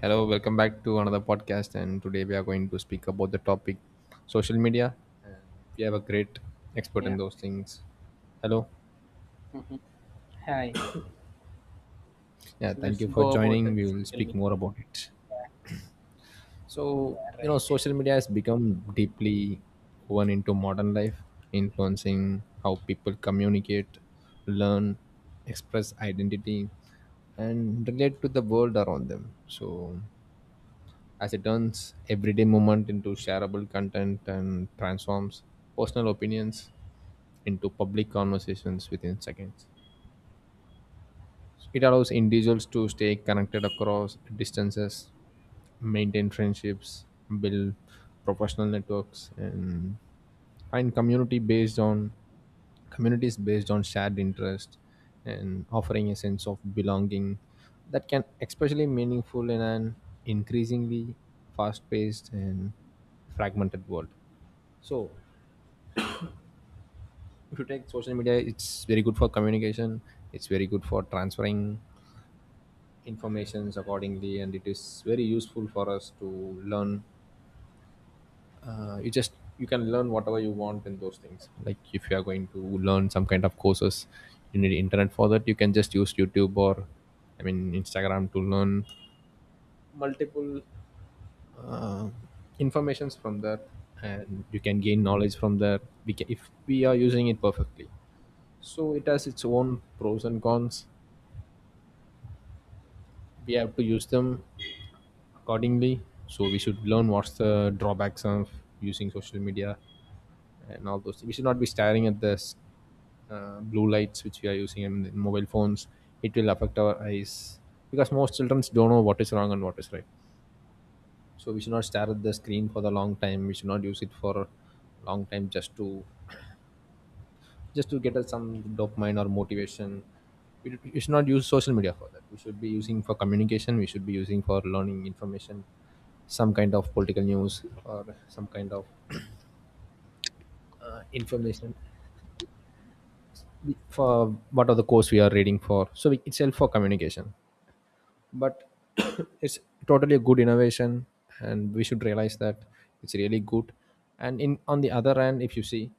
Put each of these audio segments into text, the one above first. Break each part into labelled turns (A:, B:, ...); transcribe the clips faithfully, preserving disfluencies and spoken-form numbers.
A: Hello, welcome back to another podcast. And today we are going to speak about the topic social media. And we have a great expert in
B: Yeah.
A: those things. Hello.
B: Mhm. Hi.
A: Yeah, thank
B: Let's
A: you for
B: go about
A: joining.
B: the
A: We will
B: social
A: speak more
B: media.
A: about it. So,
B: Yeah,
A: you know,
B: right.
A: social media has become deeply woven into modern life, influencing how people communicate, learn, express identity, and relate to the world around them. So, as it turns everyday movement into shareable content and transforms personal opinions into public conversations within seconds. It allows individuals to stay connected across distances, maintain friendships, build professional networks, and find community based on communities based on shared interest and offering a sense of belonging that can especially meaningful in an increasingly fast-paced and fragmented world. So if you take social media, it's very good for communication, it's very good for transferring informations accordingly, and it is very useful for us to learn. Uh, you just you can learn whatever you want in those things. Like if you are going to learn some kind of courses, you need internet for that. You can just use YouTube or I mean Instagram to learn multiple uh, informations from there, and you can gain knowledge from there. We ca If we are using it perfectly, so it has its own pros and cons, we have to use them accordingly. So we should learn what's the drawbacks of using social media and all those. We should not be staring at the uh, blue lights which we are using in the mobile phones. It will affect our eyes because most children don't know what is wrong and what is right. So we should not stare at the screen for the long time. We should not use it for a long time just to just to get us some dopamine or motivation. We, we should not use social media for that. We should be using for communication. We should be using for learning information, some kind of political news or some kind of uh, information for what are the course we are reading for. So we, itself for communication, but it's totally a good innovation, and we should realize that it's really good. And in on the other hand, if you see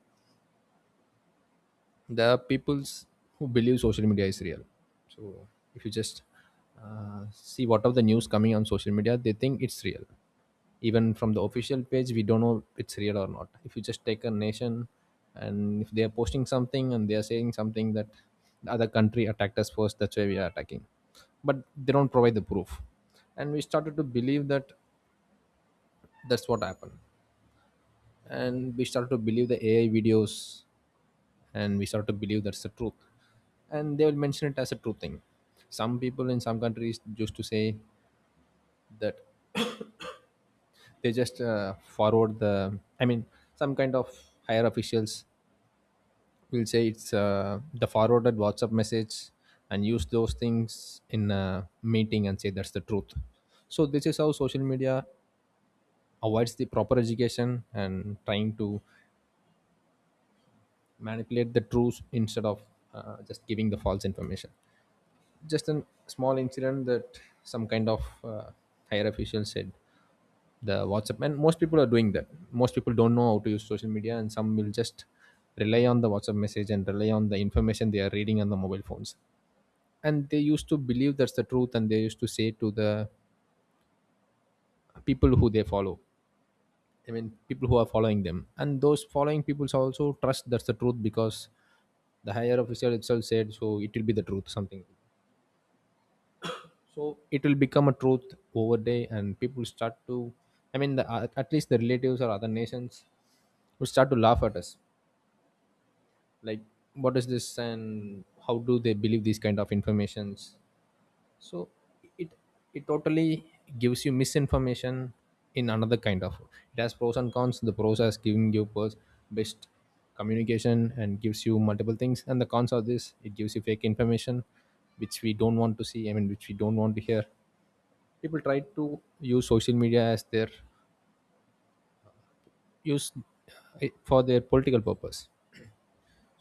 A: there are peoples who believe social media is real. So if you just uh, see what of the news coming on social media, they think it's real. Even from the official page, we don't know it's real or not. If you just take a nation, and if they are posting something and they are saying something that the other country attacked us first, that's why we are attacking, but they don't provide the proof, and we started to believe that that's what happened. And we start to believe the AI videos, and we start to believe that's the truth, and they will mention it as a true thing. Some people in some countries used to say that they just uh, forward the, I mean, some kind of higher officials will say it's uh, the forwarded WhatsApp message and use those things in a meeting and say that's the truth. So this is how social media avoids the proper education and trying to manipulate the truth instead of uh, just giving the false information. Just a small incident that some kind of uh, higher official said the WhatsApp, and most people are doing that. Most people don't know how to use social media, and some will just rely on the WhatsApp message and rely on the information they are reading on the mobile phones. And they used to believe that's the truth, and they used to say to the people who they follow, I mean, people who are following them, and those following people also trust that's the truth because the higher official itself said so. It will be the truth, something. So it will become a truth over day, and people start to. I mean, the, at at least the relatives or other nations would start to laugh at us, like, "What is this?" and how do they believe these kind of informations? So it it totally gives you misinformation in another kind of. It has pros and cons. The pros has giving you pers- best communication and gives you multiple things, and the cons of this, it gives you fake information which we don't want to see, I mean which we don't want to hear. People try to use social media as their use it for their political purpose.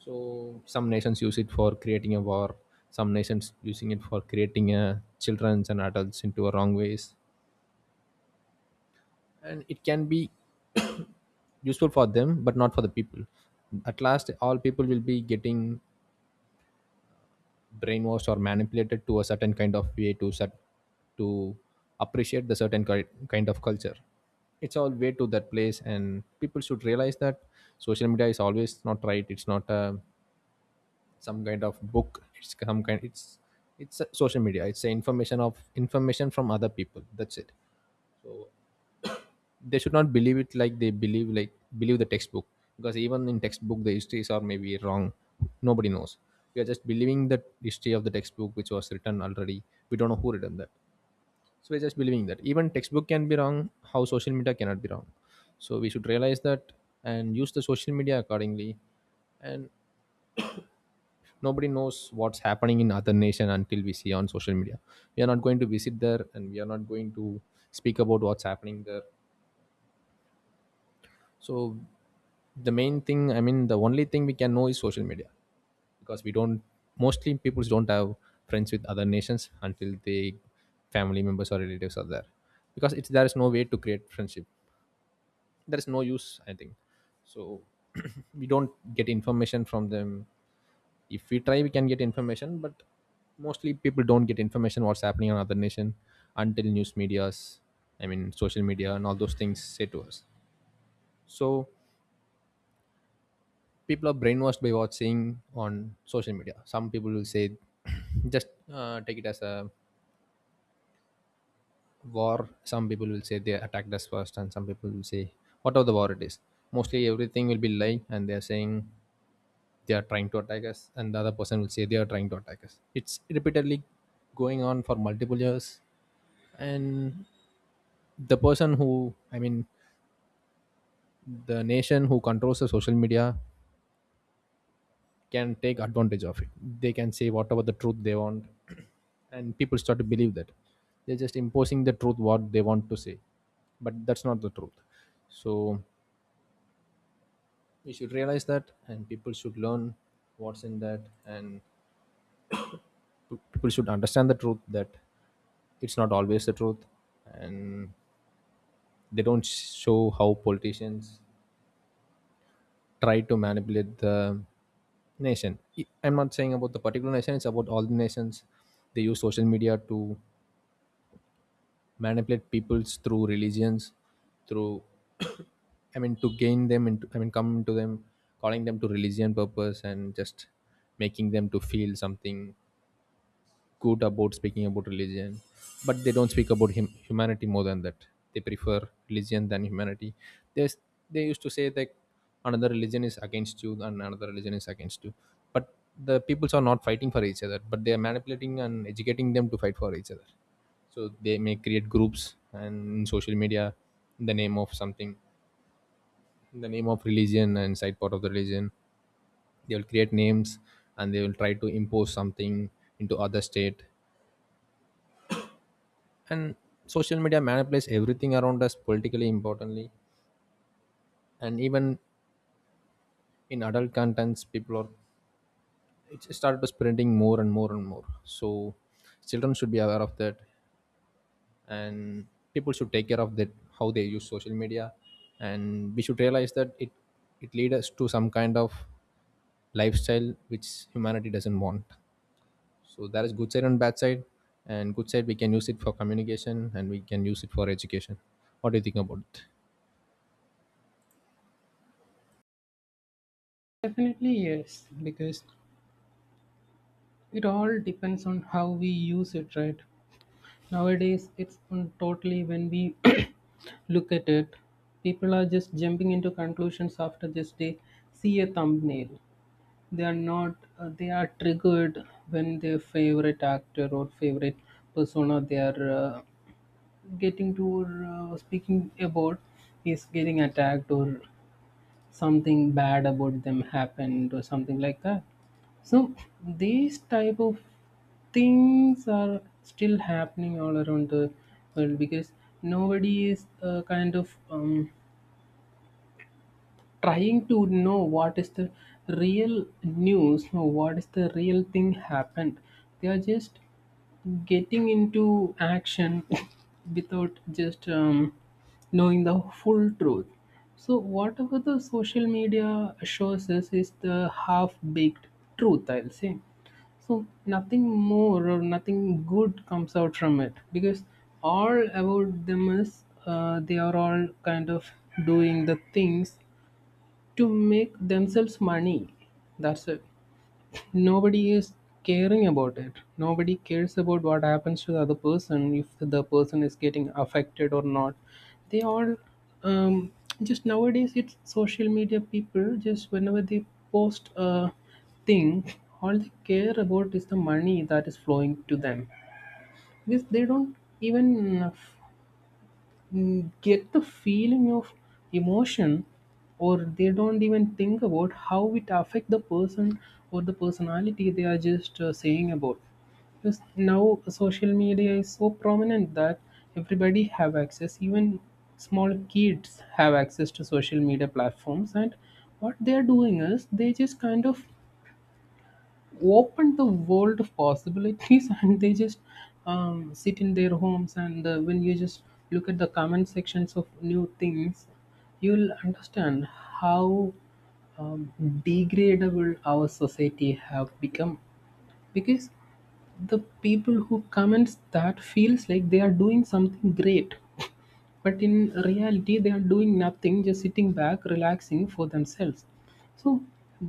A: So some nations use it for creating a war, some nations using it for creating uh, children's and adults into a wrong ways, and it can be useful for them but not for the people. At last all people will be getting brainwashed or manipulated to a certain kind of way to set to appreciate the certain ki- kind of culture. It's all way to that place, and people should realize that social media is always not right. It's not a, some kind of book. It's some kind it's it's a social media. It's a information of information from other people, that's it. They should not believe it like they believe like believe the textbook, because even in textbook the histories are maybe wrong. Nobody knows. We are just believing the history of the textbook which was written already. We don't know who written that. So we're just believing that. Even textbook can be wrong, how social media cannot be wrong. So we should realize that and use the social media accordingly. And nobody knows what's happening in other nation until we see on social media. We are not going to visit there, and we are not going to speak about what's happening there. So the main thing, I mean, the only thing we can know is social media, because we don't mostly people don't have friends with other nations until they family members or relatives are there, because it's there is no way to create friendship. There is no use, I think. So we don't get information from them. If we try, we can get information, but mostly people don't get information what's happening in other nation until news medias, I mean, social media and all those things say to us. So people are brainwashed by what's seen on social media. Some people will say, just uh, take it as a war. Some people will say they attacked us first, and some people will say whatever the war it is. Mostly everything will be lie, and they are saying they are trying to attack us, and the other person will say they are trying to attack us. It's repeatedly going on for multiple years, and the person who, I mean, the nation who controls the social media can take advantage of it. They can say whatever the truth they want, and people start to believe that. They're just imposing the truth what they want to say, but that's not the truth. So you should realize that, and people should learn what's in that, and p- people should understand the truth that it's not always the truth, and they don't show how politicians try to manipulate the nation. I- I'm not saying about the particular nation, it's about all the nations. They use social media to manipulate peoples through religions through I mean to gain them into I mean come to them calling them to religion purpose and just making them to feel something good about speaking about religion, but they don't speak about him, humanity more than that. They prefer religion than humanity. There's, they used to say that another religion is against you and another religion is against you, but the peoples are not fighting for each other, but they are manipulating and educating them to fight for each other. So they may create groups and in social media in the name of something, in the name of religion and side part of the religion, they will create names and they will try to impose something into other state. And social media manipulates everything around us politically importantly, and even in adult contents people are it started to spreading more and more and more. So children should be aware of that, and people should take care of that, how they use social media. And we should realize that it it leads us to some kind of lifestyle which humanity doesn't want. So there is good side and bad side, and good side we can use it for communication and we can use it for education. What do you think about it?
B: Definitely yes, because it all depends on how we use it, right? Nowadays, it's on totally when we look at it, people are just jumping into conclusions after just they see a thumbnail. They are not. Uh, they are triggered when their favorite actor or favorite persona they are uh, getting to uh, speaking about is getting attacked, or something bad about them happened, or something like that, so these type of things are still happening all around the world, because nobody is uh, kind of um, trying to know what is the real news or what is the real thing happened. They are just getting into action without just um, knowing the full truth. So, whatever the social media shows us is the half baked truth, I'll say. So, nothing more or nothing good comes out from it, because all about them is, uh, they are all kind of doing the things to make themselves money. That's it. Nobody is caring about it. Nobody cares about what happens to the other person, if the person is getting affected or not. They all, um, just, nowadays it's social media, people just whenever they post a thing, all they care about is the money that is flowing to them. Because they don't even, mm, get the feeling of emotion, or they don't even think about how it affect the person or the personality they are just uh, saying about, because now social media is so prominent that everybody have access, even small kids have access to social media platforms, and what they are doing is they just kind of open the world of possibilities and they just um, sit in their homes, and uh, when you just look at the comment sections of new things, you'll understand how um, degradable our society have become, because the people who comments that feels like they are doing something great, but in reality they are doing nothing, just sitting back relaxing for themselves. So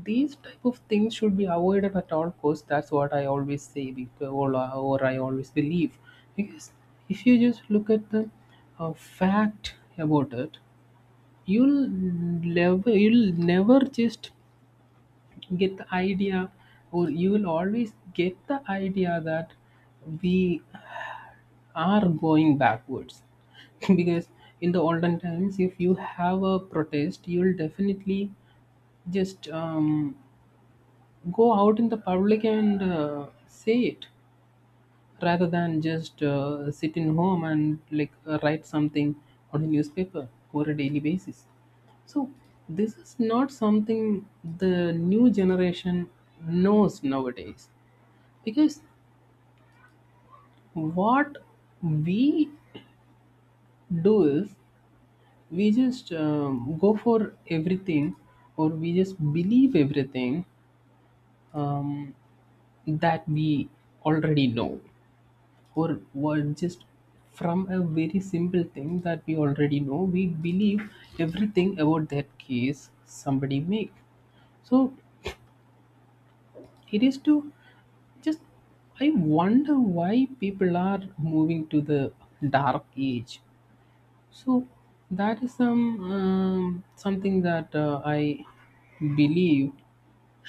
B: these type of things should be avoided at all costs, that's what I always say because, or, or I always believe, because if you just look at the uh, fact about it, you'll never you'll never just get the idea, or you will always get the idea that we are going backwards because in the olden times, if you have a protest, you'll definitely just um, go out in the public and uh, say it, rather than just uh, sit in home, and like uh, write something on a newspaper over a daily basis. So this is not something the new generation knows nowadays, because what we do is we just um, go for everything, or we just believe everything, um, that we already know, or were just from a very simple thing that we already know we believe everything about that case somebody make. So it is to just, I wonder why people are moving to the dark age. So that is some, um, something that uh, I believe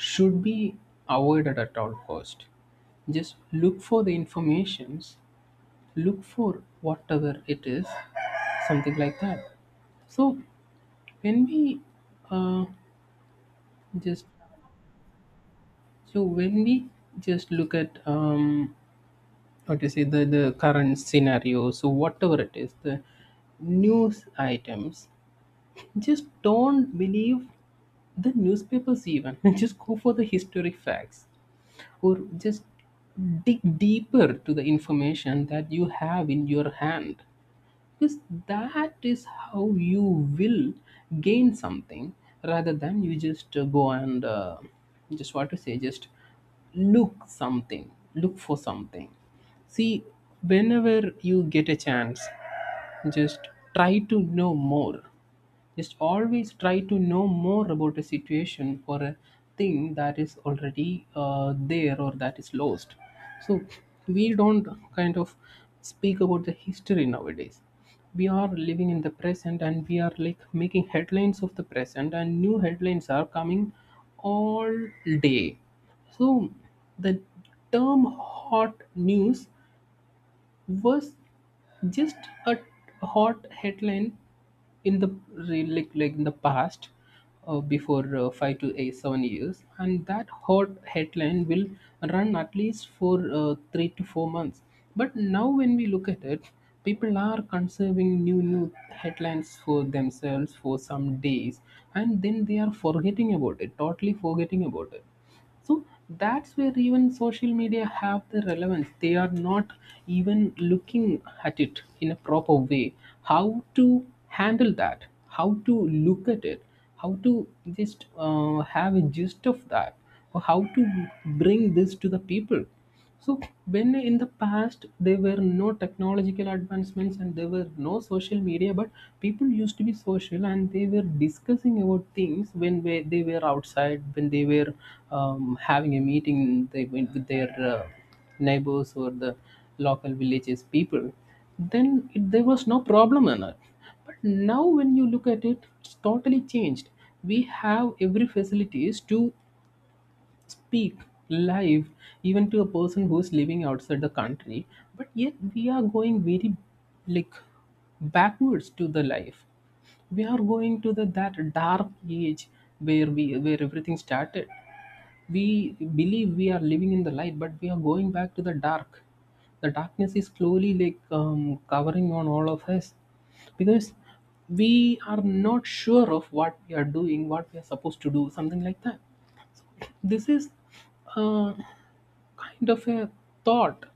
B: should be avoided at all cost. Just look for the informations, look for whatever it is, something like that. So when we uh, just so when we just look at um, what you say, the the current scenario, so whatever it is, the news items. Just don't believe the newspapers even. Just go for the historic facts, or just dig deeper to the information that you have in your hand. Because that is how you will gain something, rather than you just uh, go and uh, just, what to say, just look something, look for something. See, whenever you get a chance, just try to know more, just always try to know more about a situation or a thing that is already uh, there or that is lost. So we don't kind of speak about the history nowadays. We are living in the present, and we are like making headlines of the present, and new headlines are coming all day. So the term hot news was just a hot headline in the re- like like in the past, uh, before uh, five to eight seven years, and that hot headline will run at least for uh, three to four months. But now when we look at it, people are conserving new new headlines for themselves for some days, and then they are forgetting about it, totally forgetting about it. So that's where even social media have the relevance. They are not even looking at it in a proper way, how to handle that, how to look at it, how to just uh, have a gist of that, or how to bring this to the people. So when in the past there were no technological advancements and there were no social media, but people used to be social and they were discussing about things when we- they were outside, when they were um, having a meeting, they went with their uh, neighbors or the local villages people. Then, it, there was no problem in it. But now when you look at it, it's totally changed. We have every facilities to speak live even to a person who's living outside the country, but yet we are going very like backwards to the life. We are going to the that dark age, where we where everything started. We believe we are living in the light, but we are going back to the dark. The darkness is slowly like um, covering on all of us, because we are not sure of what we are doing, what we are supposed to do, something like that. This is uh, kind of a thought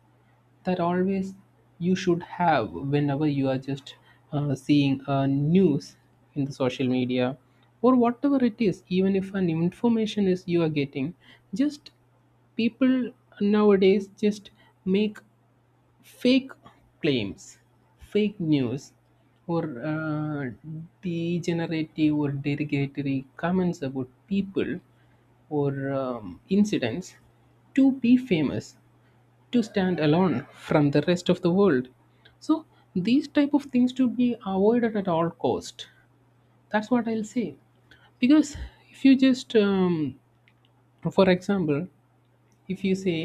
B: that always you should have whenever you are just uh, seeing uh, news in the social media, or whatever it is, even if an information is you are getting. Just, people nowadays just make fake claims, fake news, or uh, degenerative or derogatory comments about people, or um, incidents to be famous, to stand alone from the rest of the world. So these type of things to be avoided at all cost, that's what I'll say. Because if you just, um, for example, if you say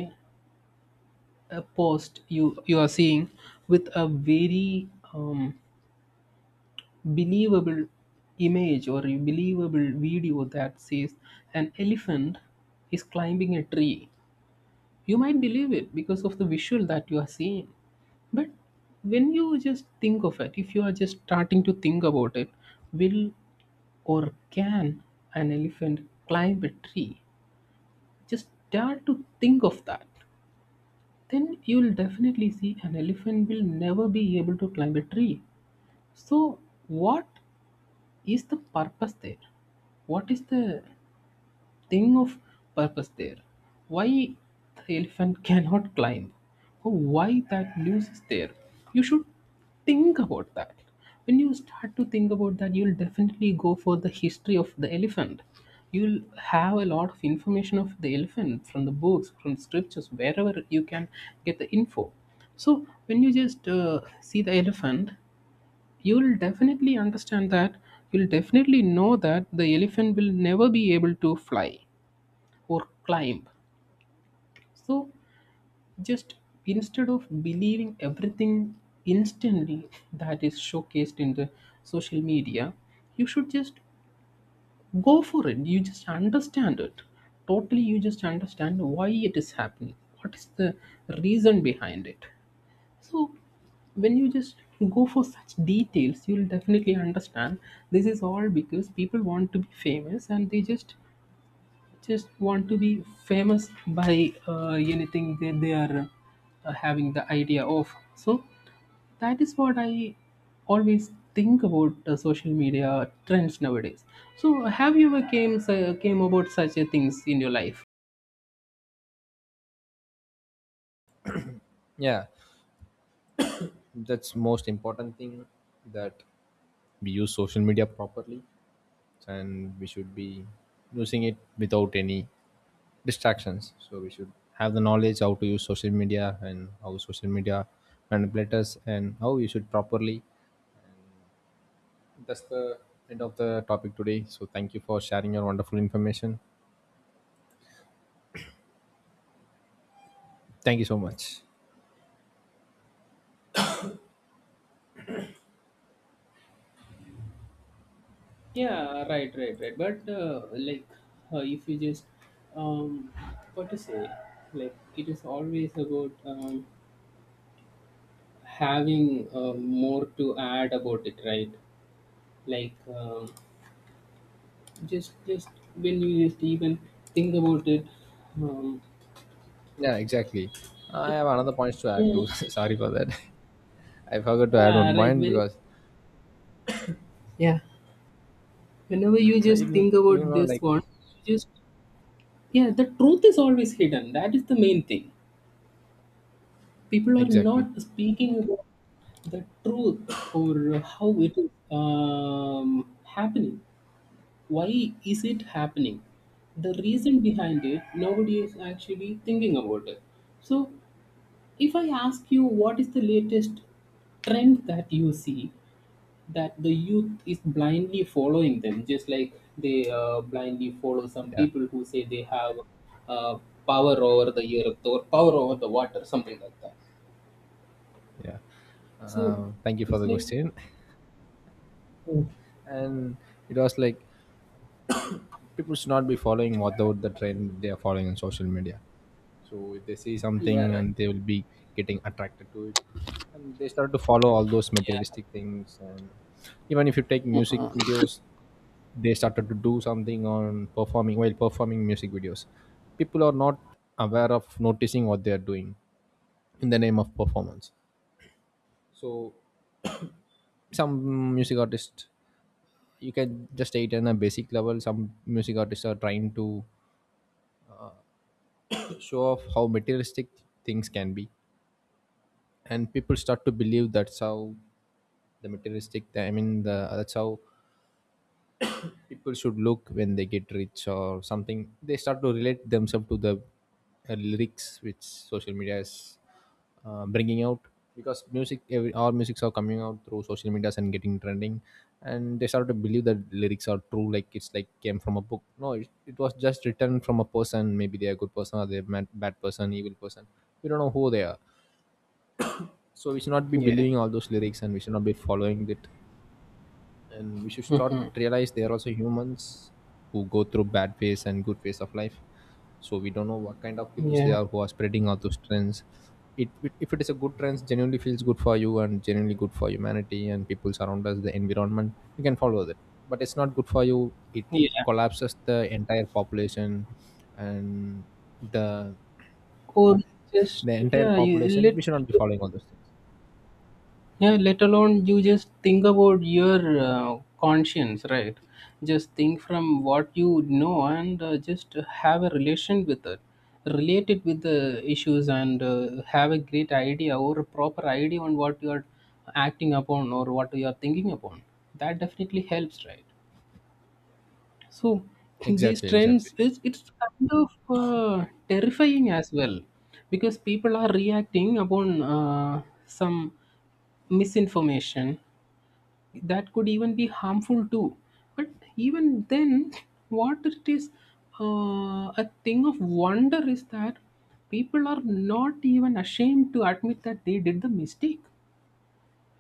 B: a post you you are seeing with a very, um, believable image or a believable video that says an elephant is climbing a tree, you might believe it because of the visual that you are seeing. But when you just think of it, if you are just starting to think about it, will or can an elephant climb a tree? Just start to think of that. Then you'll definitely see an elephant will never be able to climb a tree. So what is the purpose there? What is the thing of purpose there? Why the elephant cannot climb, or why that news is there? You should think about that. When you start to think about that, you'll definitely go for the history of the elephant. You'll have a lot of information of the elephant from the books, from scriptures, wherever you can get the info. So when you just uh, see the elephant, you'll definitely understand that. You'll definitely know that the elephant will never be able to fly or climb. So just, instead of believing everything instantly that is showcased in the social media, you should just go for it. You just understand it. Totally you just understand why it is happening. What is the reason behind it? So when you just go for such details, you'll definitely understand this is all because people want to be famous, and they just just want to be famous by uh, anything that they are uh, having the idea of. So that is what I always think about, uh, social media trends nowadays. So have you ever came uh, came about such uh, things in your life?
A: Yeah, that's most important thing that we use social media properly, and we should be using it without any distractions. So we should have the knowledge how to use social media and how social media manipulate us and how you should properly. That's the end of the topic today. So thank you for sharing your wonderful information. Thank you so much.
B: Yeah, right, right, right, but uh, like, uh, if you just, um what to say, like, it is always about, um, having uh, more to add about it, right? Like, um, Just, just when you just even think about it, um,
A: Yeah, exactly. I have another point to add
B: Yeah.
A: too sorry for that. I forgot to add
B: Yeah,
A: one
B: right.
A: point
B: When
A: because
B: Yeah, whenever you
A: uh,
B: just
A: it,
B: think
A: you
B: about
A: know
B: this
A: like
B: one, you just yeah, the truth is always hidden. That is the main thing. People are
A: exactly
B: not speaking about the truth, or how it is, um, happening. Why is it happening? The reason behind it, nobody is actually thinking about it. So if I ask you, what is the latest trend that you see, that the youth is blindly following them, just like they uh, blindly follow some
A: yeah
B: people who say they have uh, power over the earth or power over the water, something like that.
A: yeah.
B: So
A: Uh, thank you for
B: it's
A: the
B: like,
A: question.
B: oh,
A: And it was like people should not be following without the trend they are following on social media. So if they see
B: yeah,
A: something,
B: right,
A: and they will be getting attracted to it, and they start to follow all those
B: yeah,
A: materialistic things. And even if you take music videos, they started to do something on performing while performing music videos. People are not aware of noticing what they are doing in the name of performance. So some music artists, you can just state in a basic level, some music artists are trying to show off how materialistic things can be, and people start to believe that's how the materialistic I mean the that's how people should look when they get rich or something. They start to relate themselves to the uh, lyrics which social media is uh, bringing out, because music every, all musics are coming out through social medias and getting trending. And they start to believe that lyrics are true like it's like came from a book. No it, it was just written from a person. Maybe they're a good person or they're mad, bad person evil person. We don't know who they are. So we should not be
B: yeah,
A: believing all those lyrics, and we should not be following it. And we should start realize they are also humans who go through bad phase and good phase of life. So we don't know what kind of people they
B: yeah,
A: are who are spreading all those trends. it, it If it is a good trends genuinely feels good for you and genuinely good for humanity and people around us the environment, you can follow that. But it's not good for you. It
B: yeah,
A: collapses the entire population, and the
B: or just
A: the entire
B: yeah, you
A: population
B: let
A: we should not be following all those things.
B: yeah, let alone, you just think about your uh, conscience, right? Just think from what you know, and uh, just have a relation with it, relate it with the issues, and uh, have a great idea or a proper idea on what you are acting upon or what you are thinking upon. That definitely helps, right? So these
A: Exactly, exactly.
B: trends, is it's kind of uh, terrifying as well, because people are reacting upon uh, some misinformation that could even be harmful too. But even then, what it is, uh, a thing of wonder is that people are not even ashamed to admit that they did the mistake,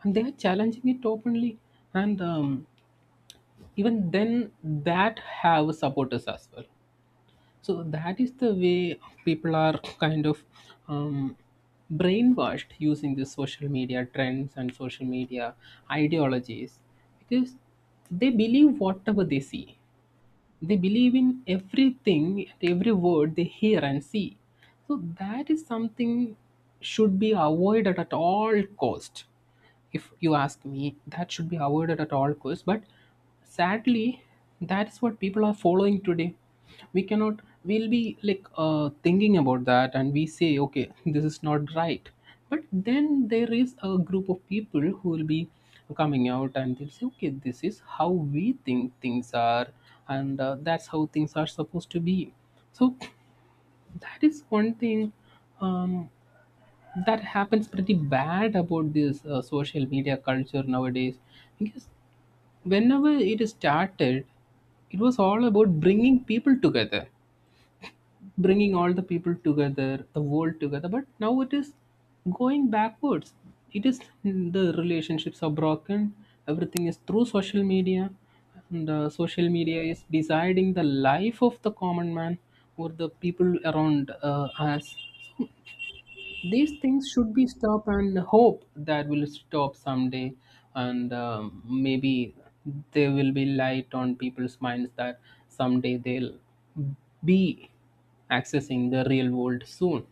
B: and they are challenging it openly, and um, even then that have supporters as well. So that is the way people are kind of, um, brainwashed using the social media trends and social media ideologies, because they believe whatever they see, they believe in everything, every word they hear and see. So that is something should be avoided at all cost, if you ask me, that should be avoided at all costs. But sadly, that is what people are following today. We cannot We'll be like uh, thinking about that, and we say, okay, this is not right. But then there is a group of people who will be coming out, and they'll say, okay, this is how we think things are, and uh, that's how things are supposed to be. So that is one thing, um, that happens pretty bad about this uh, social media culture nowadays, because whenever it started, it was all about bringing people together, bringing all the people together, the world together. But now it is going backwards. It is mm, the relationships are broken. Everything is through social media, and uh, social media is deciding the life of the common man, or the people around uh, us. These things should be stopped, and hope that will stop someday. And um, maybe there will be light on people's minds that someday they'll be accessing the real world soon.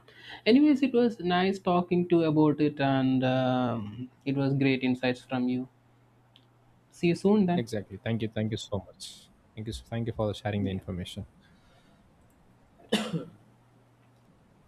B: Anyways, it was nice talking to you about it, and um, it was great insights from you. See you soon then.
A: Exactly, thank you. Thank you so much. Thank you so- thank you for sharing the
B: Yeah.
A: information.